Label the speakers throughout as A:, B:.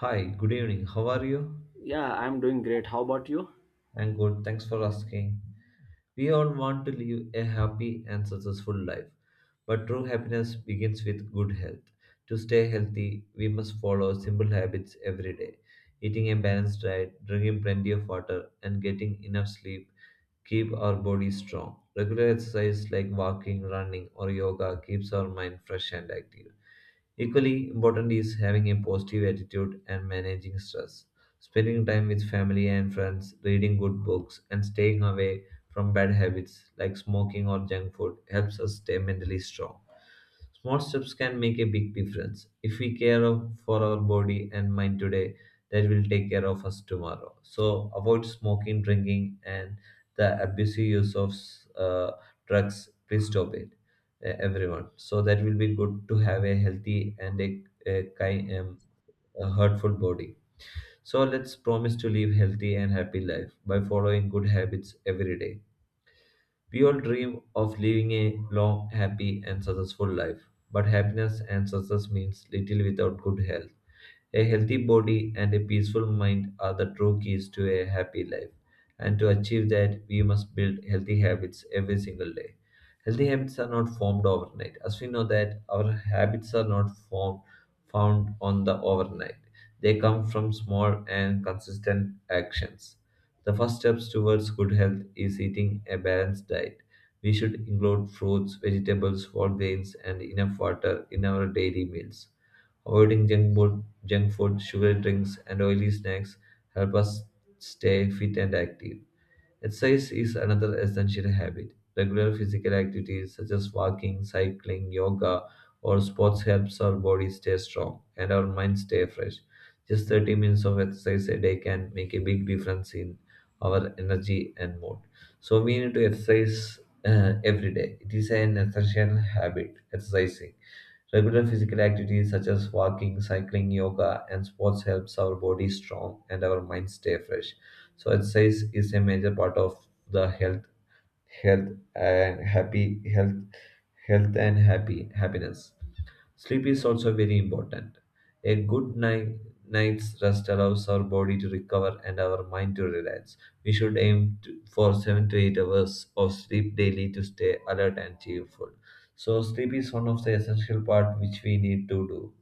A: Hi, good evening. How are you?
B: Yeah, I'm doing great. How about you?
A: I'm good. Thanks for asking. We all want to live a happy and successful life, but true happiness begins with good health. To stay healthy, we must follow simple habits every day. Eating a balanced diet, drinking plenty of water, and getting enough sleep keep our body strong. Regular exercise like walking, running, or yoga keeps our mind fresh and active. Equally important is having a positive attitude and managing stress. Spending time with family and friends, reading good books, and staying away from bad habits like smoking or junk food helps us stay mentally strong. Small steps can make a big difference. If we care of- For our body and mind today, that will take care of us tomorrow. So avoid smoking, drinking, and the abusive use of uh, drugs. Please stop it, everyone. So that will be good to have a healthy and a kind, a hurtful body. So let's promise to live healthy and happy life by following good habits every day. We all dream of living a long, happy, and successful life, but happiness and success means little without good health. A healthy body and a peaceful mind are the true keys to a happy life. And to achieve that, we must build healthy habits every single day. Healthy habits are not formed overnight. As we know that our habits are not formed found on the overnight. They come from small and consistent actions. The first steps towards good health is eating a balanced diet. We should include fruits, vegetables, whole grains, and enough water in our daily meals. Avoiding junk food, sugar drinks, and oily snacks help us stay fit and active. Exercise is another essential habit. Regular physical activities such as walking, cycling, yoga, or sports helps our body stay strong and our mind stay fresh. Just 30 minutes of exercise a day can make a big difference in our energy and mood. So we need to exercise every day. It is an essential habit, exercising. Regular physical activities such as walking, cycling, yoga, and sports helps our body strong and our mind stay fresh. So exercise is a major part of the health and happy health and happy happiness. Sleep is also very important. A good night's rest allows our body to recover and our mind to relax. We should for 7 to 8 hours of sleep daily to stay alert and cheerful. So, sleep is one of the essential part which we need to do.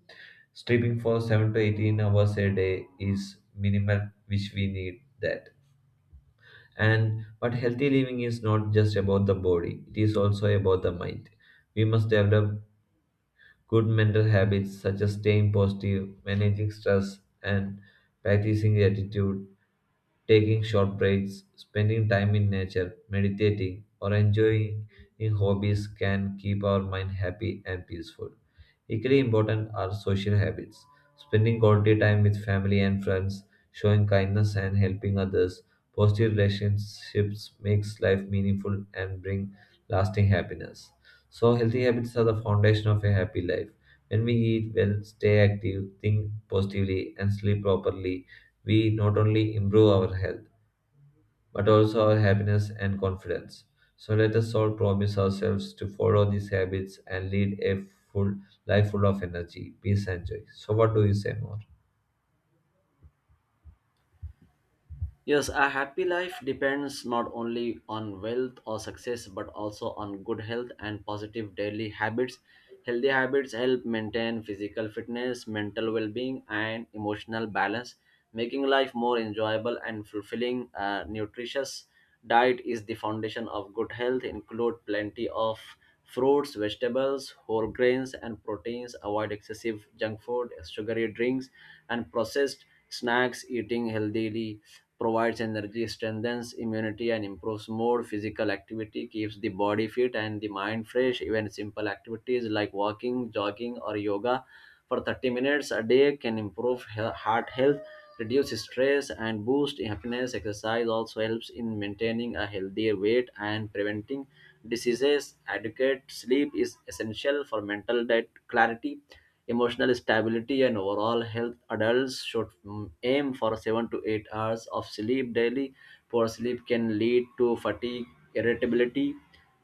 A: Sleeping for 7 to 18 hours a day is minimal, which we need that. And but healthy living is not just about the body, it is also about the mind. We must develop good mental habits such as staying positive, managing stress, and practicing gratitude. Taking short breaks, spending time in nature, meditating, or enjoying hobbies can keep our mind happy and peaceful. Equally important are social habits. Spending quality time with family and friends, showing kindness and helping others. Positive relationships makes life meaningful and bring lasting happiness. So healthy habits are the foundation of a happy life. When we eat well, stay active, think positively, and sleep properly, we not only improve our health, but also our happiness and confidence. So let us all promise ourselves to follow these habits and lead a full life full of energy, peace, and joy. So, what do you say more?
B: Yes, a happy life depends not only on wealth or success, but also on good health and positive daily habits. Healthy habits help maintain physical fitness, mental well being, and emotional balance, making life more enjoyable and fulfilling. A nutritious diet is the foundation of good health. Include plenty of fruits, vegetables, whole grains, and proteins. Avoid excessive junk food, sugary drinks, and processed snacks. Eating healthily provides energy, strengthens immunity, and improves mood. Physical activity keeps the body fit and the mind fresh. Even simple activities like walking, jogging, or yoga for 30 minutes a day can improve heart health, reduce stress, and boost happiness. Exercise also helps in maintaining a healthier weight and preventing diseases. Adequate sleep is essential for mental diet clarity, emotional stability, and overall health. Adults should aim for 7 to 8 hours of sleep daily. Poor sleep can lead to fatigue, irritability,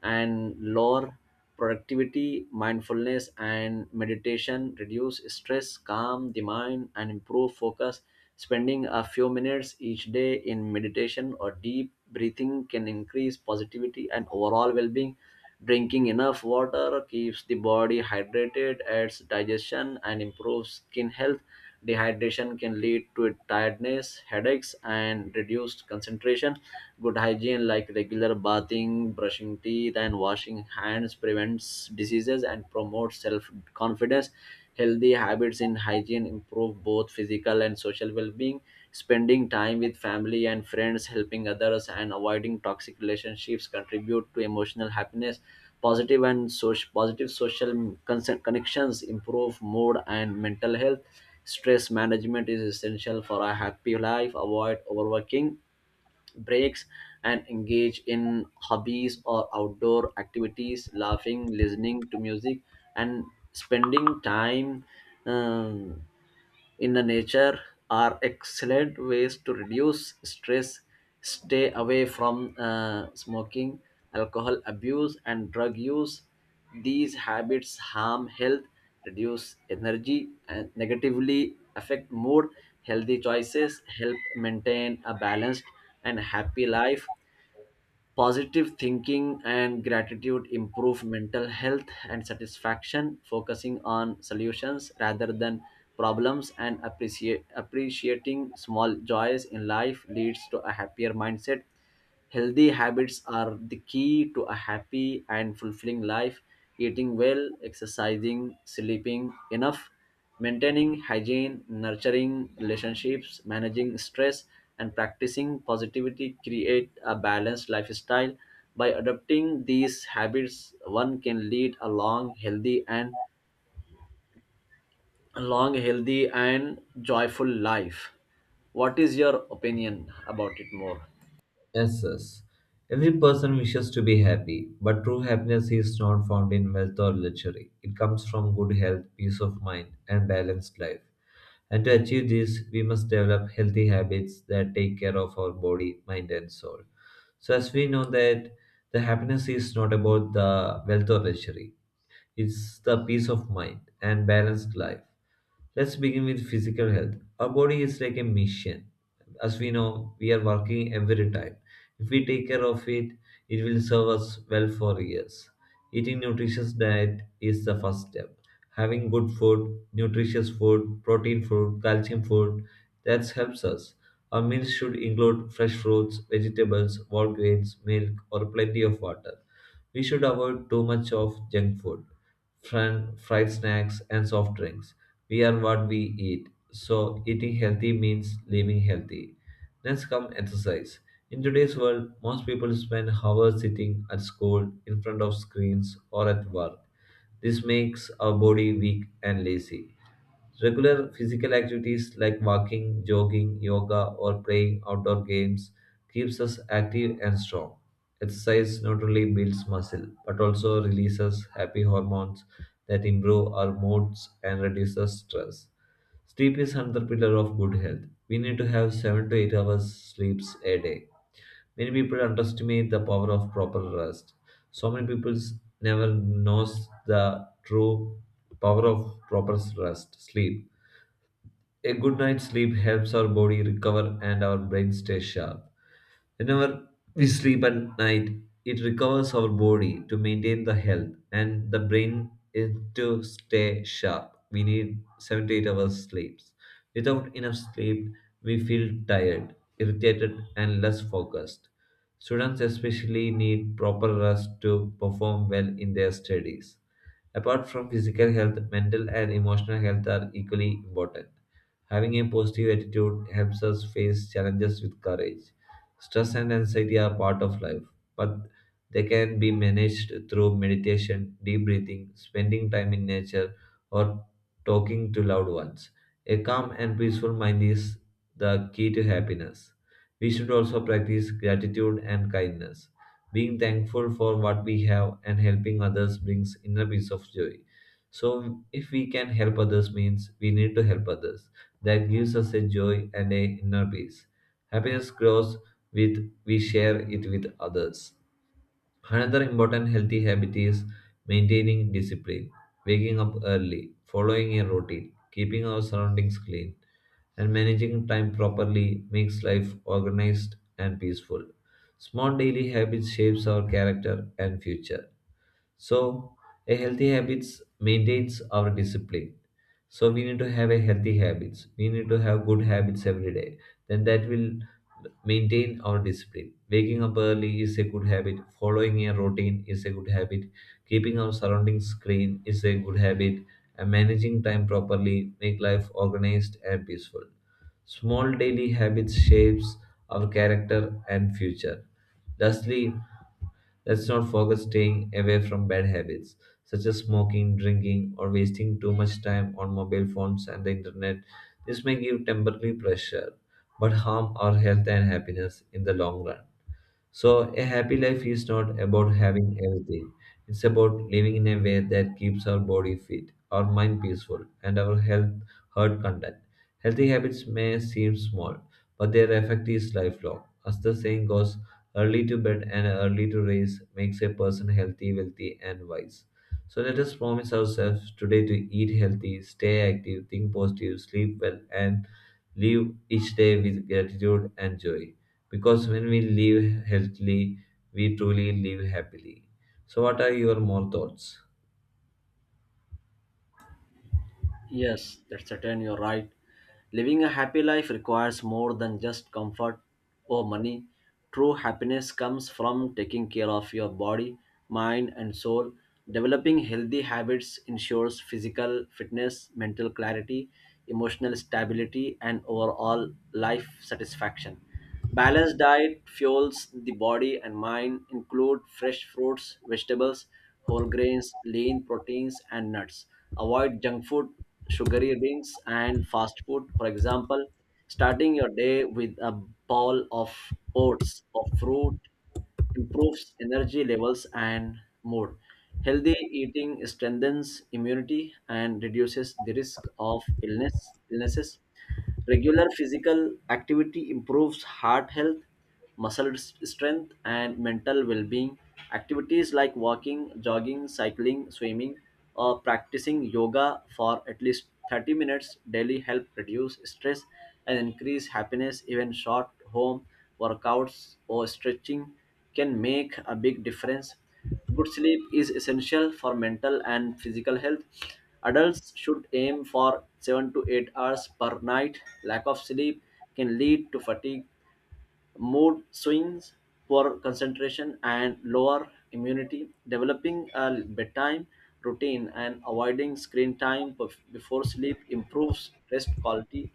B: and lower productivity. Mindfulness and meditation reduce stress, calm the mind, and improve focus. Spending a few minutes each day in meditation or deep breathing can increase positivity and overall well-being. Drinking enough water keeps the body hydrated, aids digestion, and improves skin health. Dehydration can lead to tiredness, headaches, and reduced concentration. Good hygiene, like regular bathing, brushing teeth, and washing hands, prevents diseases and promotes self confidence. Healthy habits in hygiene improve both physical and social well being. Spending time with family and friends, helping others, and avoiding toxic relationships contribute to emotional happiness. Positive social connections improve mood and mental health. Stress management is essential for a happy life. Avoid overworking, breaks, and engage in hobbies or outdoor activities. Laughing, listening to music, and spending time. um, in the nature are excellent ways to reduce stress. Stay away from smoking, alcohol abuse, and drug use. These habits harm health, reduce energy, and negatively affect mood. Healthy choices help maintain a balanced and happy life. Positive thinking and gratitude improve mental health and satisfaction, focusing on solutions rather than problems, and appreciating small joys in life leads to a happier mindset. Healthy habits are the key to a happy and fulfilling life. Eating well, exercising, sleeping enough, maintaining hygiene, nurturing relationships, managing stress, and practicing positivity create a balanced lifestyle. By adopting these habits, one can lead a long, healthy, and a long, healthy, and joyful life. What is your opinion about it more?
A: Yes, yes. Every person wishes to be happy, but true happiness is not found in wealth or luxury. It comes from good health, peace of mind, and balanced life. And to achieve this, we must develop healthy habits that take care of our body, mind, and soul. So, as we know that the happiness is not about the wealth or luxury, it's the peace of mind and balanced life. Let's begin with physical health. Our body is like a machine. As we know, we are working every time. If we take care of it, it will serve us well for years. Eating nutritious diet is the first step. Having good food, nutritious food, protein food, calcium food, that helps us. Our meals should include fresh fruits, vegetables, whole grains, milk, or plenty of water. We should avoid too much of junk food, fried snacks, and soft drinks. We are what we eat, so eating healthy means living healthy. Next come exercise. In today's world, most people spend hours sitting at school, in front of screens, or at work. This makes our body weak and lazy. Regular physical activities like walking, jogging, yoga, or playing outdoor games keeps us active and strong. Exercise not only builds muscle but also releases happy hormones that improve our moods and reduces stress. Sleep is another pillar of good health. We need to have 7 to 8 hours sleeps a day. Many people underestimate the power of proper rest. So many people never knows the true power of proper rest, sleep. A good night's sleep helps our body recover and our brain stay sharp. Whenever we sleep at night, it recovers our body to maintain the health and the brain is to stay sharp. We need 7 to 8 hours sleeps. Without enough sleep, we feel tired, irritated, and less focused. Students especially need proper rest to perform well in their studies. Apart from physical health, mental and emotional health are equally important. Having a positive attitude helps us face challenges with courage. Stress and anxiety are part of life, but they can be managed through meditation, deep breathing, spending time in nature, or talking to loved ones. A calm and peaceful mind is the key to happiness. We should also practice gratitude and kindness. Being thankful for what we have and helping others brings inner peace of joy. So, if we can help others, means we need to help others. That gives us a joy and a inner peace. Happiness grows with we share it with others. Another important healthy habit is maintaining discipline, waking up early, following a routine, keeping our surroundings clean, and managing time properly makes life organized and peaceful. Small daily habits shapes our character and future. So a healthy habits maintains our discipline. So we need to have a healthy habits. We need to have good habits every day. Then that will maintain our discipline. Waking up early is a good habit. Following a routine is a good habit. Keeping our surroundings clean is a good habit. And managing time properly make life organized and peaceful. Small daily habits shapes our character and future. Lastly, let's not forget staying away from bad habits such as smoking, drinking, or wasting too much time on mobile phones and the internet. This may give temporary pleasure but harm our health and happiness in the long run. So, a happy life is not about having everything. It's about living in a way that keeps our body fit, our mind peaceful, and our health heart content. Healthy habits may seem small, but their effect is lifelong. As the saying goes, early to bed and early to rise makes a person healthy, wealthy, and wise. So let us promise ourselves today to eat healthy, stay active, think positive, sleep well, and live each day with gratitude and joy. Because when we live healthily, we truly live happily. So, what are your more thoughts?
B: Yes, that's certain, you're right. Living a happy life requires more than just comfort or money. True happiness comes from taking care of your body, mind, and soul. Developing healthy habits ensures physical fitness, mental clarity, emotional stability, and overall life satisfaction. Balanced diet fuels the body and mind. Include fresh fruits, vegetables, whole grains, lean proteins, and nuts. Avoid junk food, sugary drinks, and fast food. For example, starting your day with a bowl of oats or fruit improves energy levels and mood. Healthy eating strengthens immunity and reduces the risk of illnesses. Regular physical activity improves heart health, strength, and mental well being. Activities like walking, jogging, cycling, swimming, or practicing yoga for at least 30 minutes daily help reduce stress and increase happiness. Even short home workouts or stretching can make a big difference. Good sleep is essential for mental and physical health. Adults should aim for 7 to 8 hours per night. Lack of sleep can lead to fatigue, mood swings, poor concentration, and lower immunity. Developing a bedtime routine and avoiding screen time before sleep improves rest quality.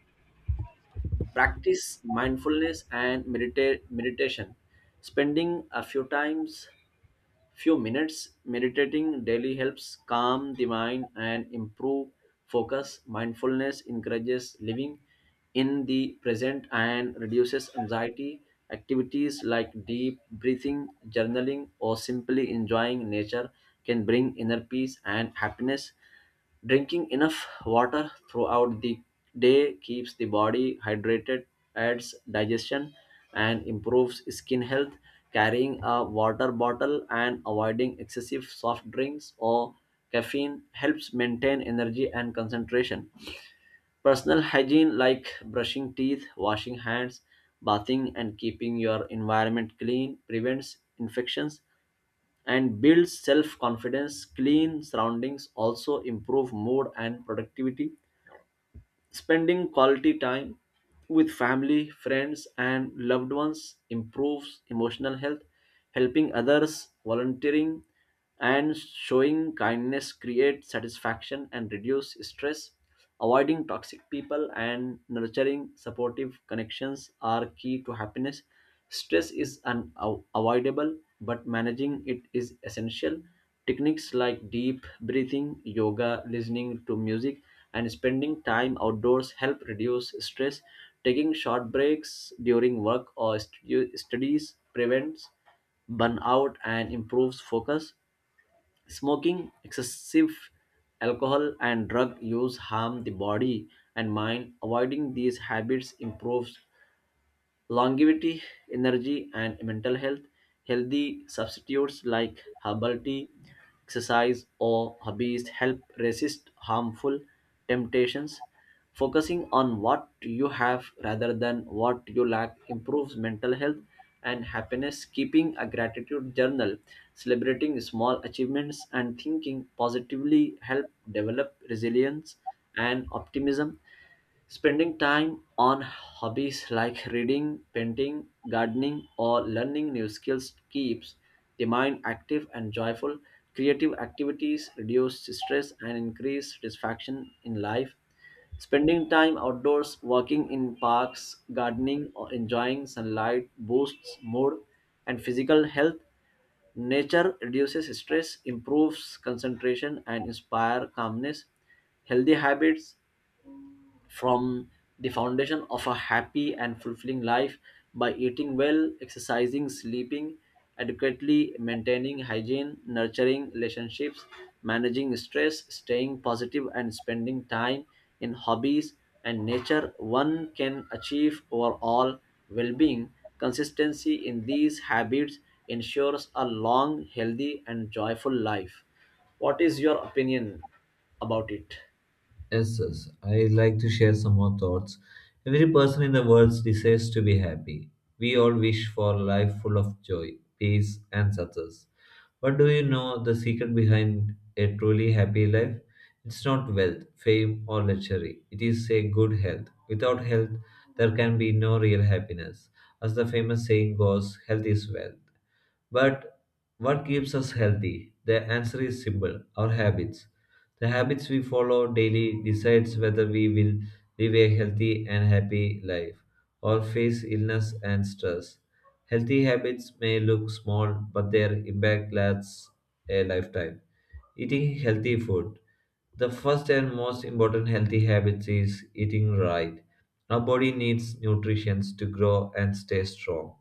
B: Practice mindfulness and meditation. Spending a few times Few minutes meditating daily helps calm the mind and improve focus. Mindfulness encourages living in the present and reduces anxiety. Activities like deep breathing, journaling, or simply enjoying nature can bring inner peace and happiness. Drinking enough water throughout the day keeps the body hydrated, aids digestion, and improves skin health. Carrying a water bottle and avoiding excessive soft drinks or caffeine helps maintain energy and concentration. Personal hygiene, like brushing teeth, washing hands, bathing, and keeping your environment clean, prevents infections and builds self confidence. Clean surroundings also improve mood and productivity. Spending quality time with family, friends, and loved ones improves emotional health. Helping others, volunteering, and showing kindness create satisfaction and reduce stress. Avoiding toxic people and nurturing supportive connections are key to happiness. Stress is unavoidable, but managing it is essential. Techniques like deep breathing, yoga, listening to music, and spending time outdoors help reduce stress. Taking short breaks during work or studies prevents burnout and improves focus. Smoking, excessive alcohol, and drug use harm the body and mind. Avoiding these habits improves longevity, energy, and mental health. Healthy substitutes like herbal tea, exercise, or hobbies help resist harmful temptations. Focusing on what you have rather than what you lack improves mental health and happiness. Keeping a gratitude journal, celebrating small achievements, and thinking positively help develop resilience and optimism. Spending time on hobbies like reading, painting, gardening, or learning new skills keeps the mind active and joyful. Creative activities reduce stress and increase satisfaction in life. Spending time outdoors, walking in parks, gardening, or enjoying sunlight boosts mood and physical health. Nature reduces stress, improves concentration, and inspire calmness. Healthy habits from the foundation of a happy and fulfilling life. By eating well, exercising, sleeping adequately, maintaining hygiene, nurturing relationships, managing stress, staying positive, and spending time in hobbies and nature, one can achieve overall well being. Consistency in these habits ensures a long, healthy, and joyful life. What is your opinion about it?
A: Yes, yes, I like to share some more thoughts. Every person in the world desires to be happy. We all wish for a life full of joy, peace, and success. But do you know the secret behind a truly happy life? It's not wealth, fame, or luxury. It is a good health. Without health, there can be no real happiness. As the famous saying goes, health is wealth. But what keeps us healthy? The answer is simple our habits. The habits we follow daily decides whether we will live a healthy and happy life or face illness and stress. Healthy habits may look small, but their impact lasts a lifetime. Eating healthy food. The first and most important healthy habit is eating right. Our body needs nutrition to grow and stay strong.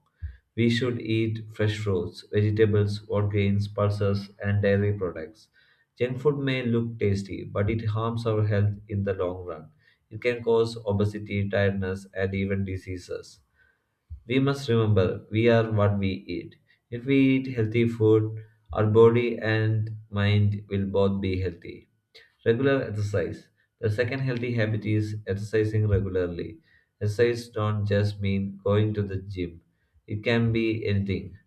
A: We should eat fresh fruits, vegetables, whole grains, pulses, and dairy products. Junk food may look tasty, but it harms our health in the long run. It can cause obesity, tiredness, and even diseases. We must remember we are what we eat. If we eat healthy food, our body and mind will both be healthy. Regular exercise. The second healthy habit is exercising regularly. Exercise don't just mean going to the gym. It can be anything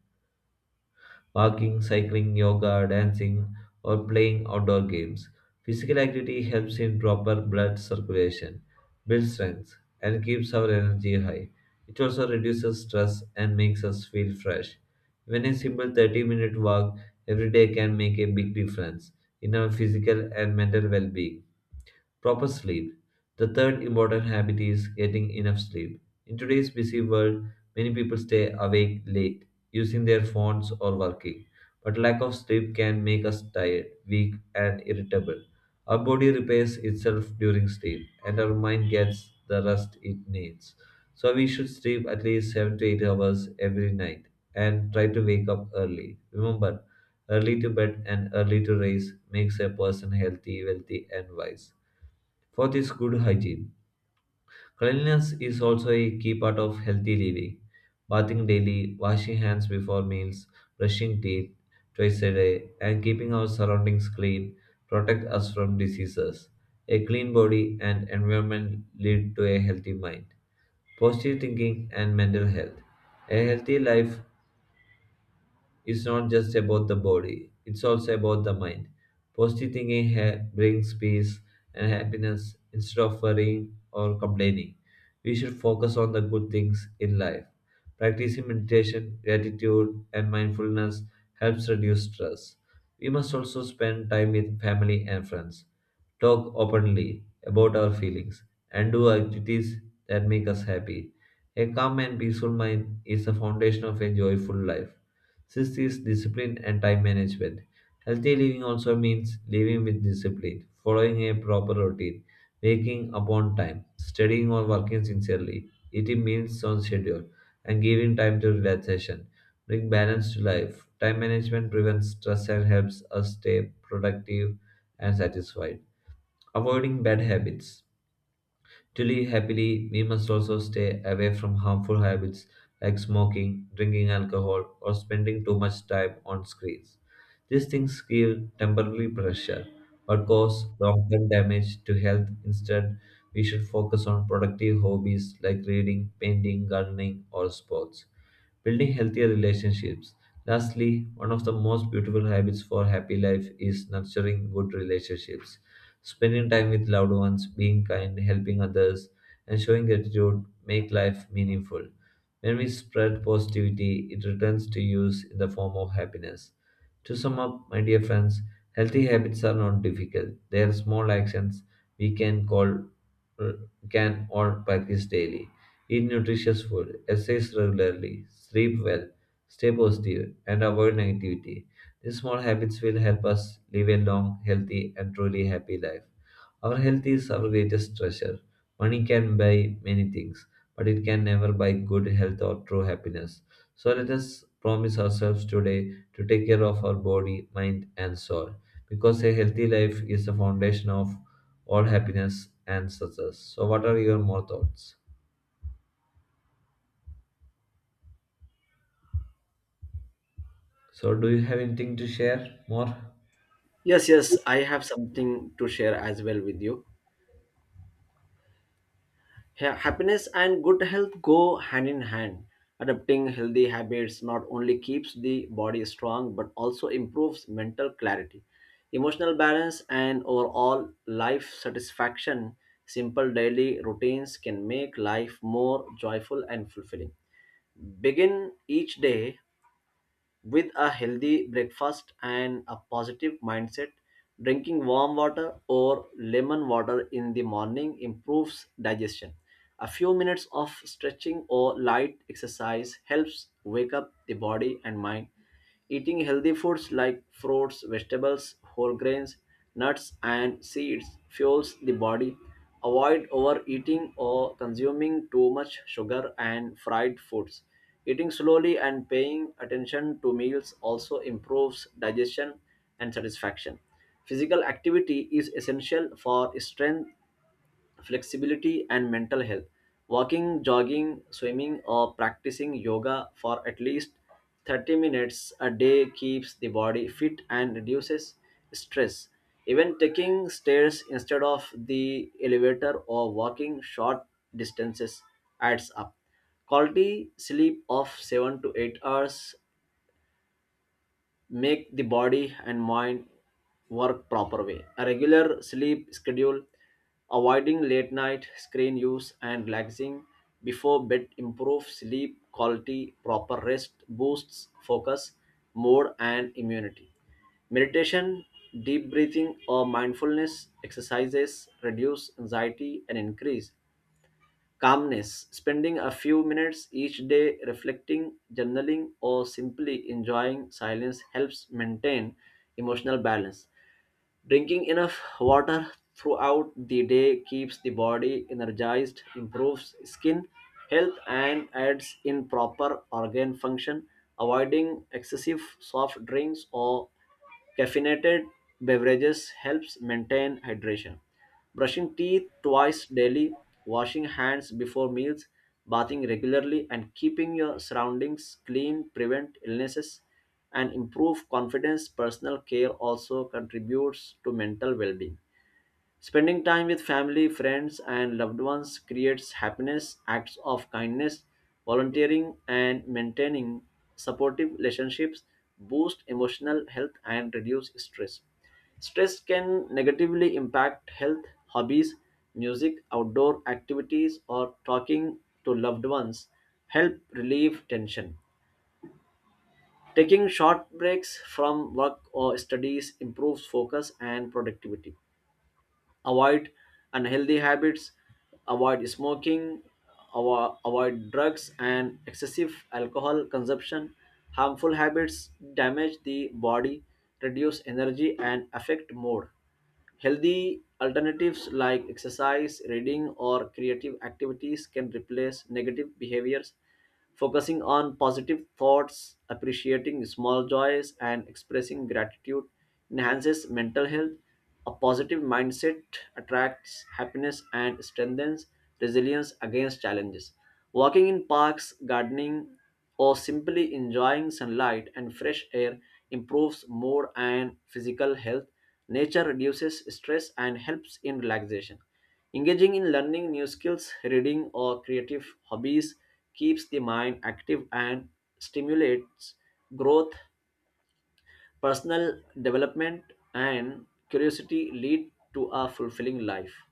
A: walking, cycling, yoga, dancing, or playing outdoor games. Physical activity helps in proper blood circulation, builds strength, and keeps our energy high. It also reduces stress and makes us feel fresh. Even a simple 30-minute walk every day can make a big difference in our physical and mental well being. Proper sleep. The third important habit is getting enough sleep. In today's busy world, many people stay awake late, using their phones or working. But lack of sleep can make us tired, weak, and irritable. Our body repairs itself during sleep, and our mind gets the rest it needs. So we should sleep at least 7 to 8 hours every night and try to wake up early. Remember, early to bed and early to rise makes a person healthy, wealthy, and wise. Fourth is good hygiene. Cleanliness is also a key part of healthy living. Bathing daily, washing hands before meals, brushing teeth twice a day, and keeping our surroundings clean protect us from diseases. A clean body and environment lead to a healthy mind. Positive thinking and mental health. A healthy life it's not just about the body, it's also about the mind. Positive thinking brings peace and happiness instead of worrying or complaining. We should focus on the good things in life. Practicing meditation, gratitude, and mindfulness helps reduce stress. We must also spend time with family and friends, talk openly about our feelings, and do activities that make us happy. A calm and peaceful mind is the foundation of a joyful life. Sixth is discipline and time management. Healthy living also means living with discipline, following a proper routine, waking up on time, studying or working sincerely, eating meals on schedule, and giving time to relaxation. Bring balance to life. Time management prevents stress and helps us stay productive and satisfied. Avoiding bad habits. To live happily, we must also stay away from harmful habits like smoking, drinking alcohol, or spending too much time on screens. These things give temporary pressure but cause long term damage to health. Instead, we should focus on productive hobbies like reading, painting, gardening, or sports building healthier relationships. Lastly, one of the most beautiful habits for happy life is nurturing good relationships. Spending time with loved ones, being kind, helping others, and showing gratitude make life meaningful. When we spread positivity, it returns to use in the form of happiness. To sum up, my dear friends, healthy habits are not difficult. They are small actions we can call can all practice daily. Eat nutritious food, exercise regularly, sleep well, stay positive, and avoid negativity. These small habits will help us live a long, healthy, and truly happy life. Our health is our greatest treasure. Money can buy many things, but it can never buy good health or true happiness. So let us promise ourselves today to take care of our body, mind, and soul, because a healthy life is the foundation of all happiness and success. So, what are your more thoughts? So, do you have anything to share more?
B: Yes, yes, I have something to share as well with you. Happiness and good health go hand in hand. Adopting healthy habits not only keeps the body strong but also improves mental clarity, emotional balance, and overall life satisfaction. Simple daily routines can make life more joyful and fulfilling. Begin each day with a healthy breakfast and a positive mindset. Drinking warm water or lemon water in the morning improves digestion. A few minutes of stretching or light exercise helps wake up the body and mind. Eating healthy foods like fruits, vegetables, whole grains, nuts, and seeds fuels the body. Avoid overeating or consuming too much sugar and fried foods. Eating slowly and paying attention to meals also improves digestion and satisfaction. Physical activity is essential for strength, flexibility, and mental health. Walking, jogging, swimming, or practicing yoga for at least 30 minutes a day keeps the body fit and reduces stress. Even taking stairs instead of the elevator or walking short distances adds up. Quality sleep of 7 to 8 hours make the body and mind work proper way. A regular sleep schedule, avoiding late night screen use, and relaxing before bed improve sleep quality. Proper rest boosts focus, mood, and immunity. Meditation, deep breathing, or mindfulness exercises reduce anxiety and increase calmness. Spending a few minutes each day reflecting, journaling, or simply enjoying silence helps maintain emotional balance. Drinking enough water throughout the day keeps the body energized, improves skin health, and aids in proper organ function. Avoiding excessive soft drinks or caffeinated beverages helps maintain hydration. Brushing teeth twice daily, washing hands before meals, bathing regularly, and keeping your surroundings clean prevent illnesses and improve confidence. Personal care also contributes to mental well-being. Spending time with family, friends, and loved ones creates happiness. Acts of kindness, volunteering, and maintaining supportive relationships boost emotional health and reduce stress. Stress can negatively impact health. Hobbies, music, outdoor activities, or talking to loved ones help relieve tension. Taking short breaks from work or studies improves focus and productivity. Avoid unhealthy habits. Avoid smoking, avoid drugs and excessive alcohol consumption. Harmful habits damage the body, reduce energy, and affect mood. Healthy alternatives like exercise, reading, or creative activities can replace negative behaviors. Focusing on positive thoughts, appreciating small joys, and expressing gratitude enhances mental health. A positive mindset attracts happiness and strengthens resilience against challenges. Walking in parks, gardening, or simply enjoying sunlight and fresh air improves mood and physical health. Nature reduces stress and helps in relaxation. Engaging in learning new skills, reading, or creative hobbies keeps the mind active and stimulates growth. Personal development and curiosity lead to a fulfilling life.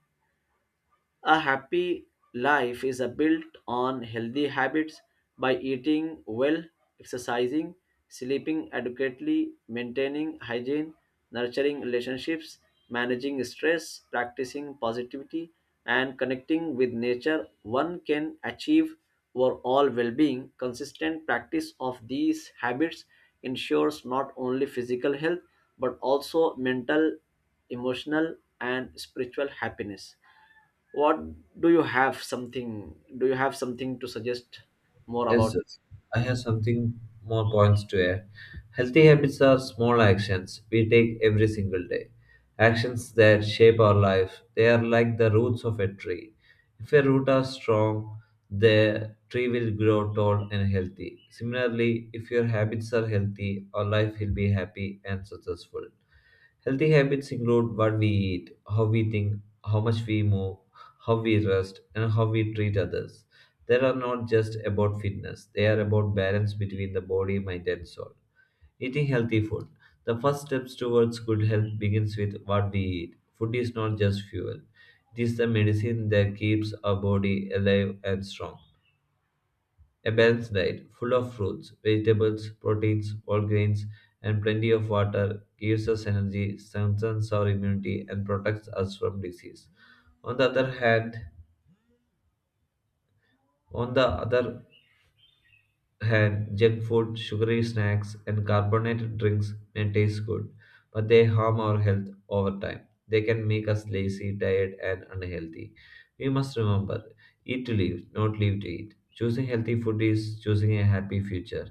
B: A happy life is a built on healthy habits. By eating well, exercising, sleeping adequately, maintaining hygiene, nurturing relationships, managing stress, practicing positivity, and connecting with nature, one can achieve overall well being. Consistent practice of these habits ensures not only physical health but also mental, emotional, and spiritual happiness. What do you have something? Do you have something to suggest more
A: Yes,
B: about it?
A: yes. I have something more points to add. Healthy habits are small actions we take every single day. Actions that shape our life. They are like the roots of a tree. If a root are strong, the tree will grow tall and healthy. Similarly, if your habits are healthy, our life will be happy and successful. Healthy habits include what we eat, how we think, how much we move, how we rest, and how we treat others. They are not just about fitness, they are about balance between the body, mind, and soul. Eating healthy food. The first steps towards good health begins with what we eat. Food is not just fuel. It is the medicine that keeps our body alive and strong. A balanced diet, full of fruits, vegetables, proteins, whole grains, and plenty of water, gives us energy, strengthens our immunity, and protects us from disease. On the other hand, on the other hand, junk food, sugary snacks, and carbonated drinks may taste good, but they harm our health over time. They can make us lazy, tired, and unhealthy. We must remember eat to live, not live to eat. Choosing healthy food is choosing a happy future.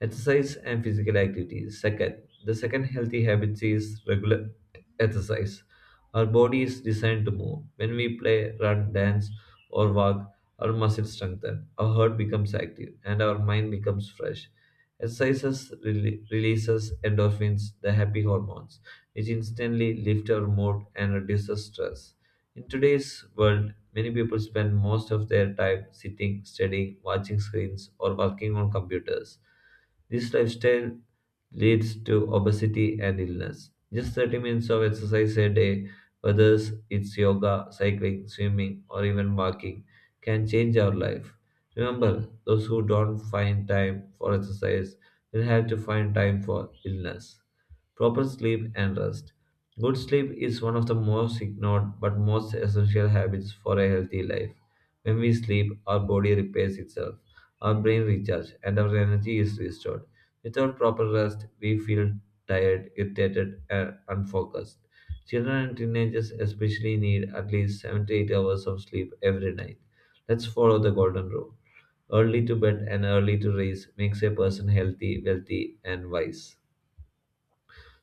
A: Exercise and physical activity. The second healthy habit is regular exercise. Our body is designed to move. When we play, run, dance, or walk, our muscles strengthen, our heart becomes active, and our mind becomes fresh. Exercises releases endorphins, the happy hormones, which instantly lift our mood and reduces stress. In today's world, many people spend most of their time sitting, studying, watching screens, or working on computers. This lifestyle leads to obesity and illness. Just 30 minutes of exercise a day, whether it's yoga, cycling, swimming, or even walking, can change our life. Remember, those who don't find time for exercise will have to find time for illness. Proper sleep and rest. Good sleep is one of the most ignored but most essential habits for a healthy life. When we sleep, our body repairs itself, our brain recharges, and our energy is restored. Without proper rest, we feel tired, irritated, and unfocused. Children and teenagers especially need at least 7 to 8 hours of sleep every night. Let's follow the golden rule. Early to bed and early to rise makes a person healthy, wealthy, and wise.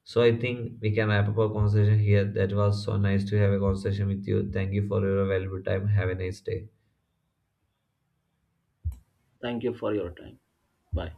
A: So I think we can wrap up our conversation here. That was so nice to have a conversation with you. Thank you for your valuable time. Have a nice day.
B: Thank you for your time. Bye.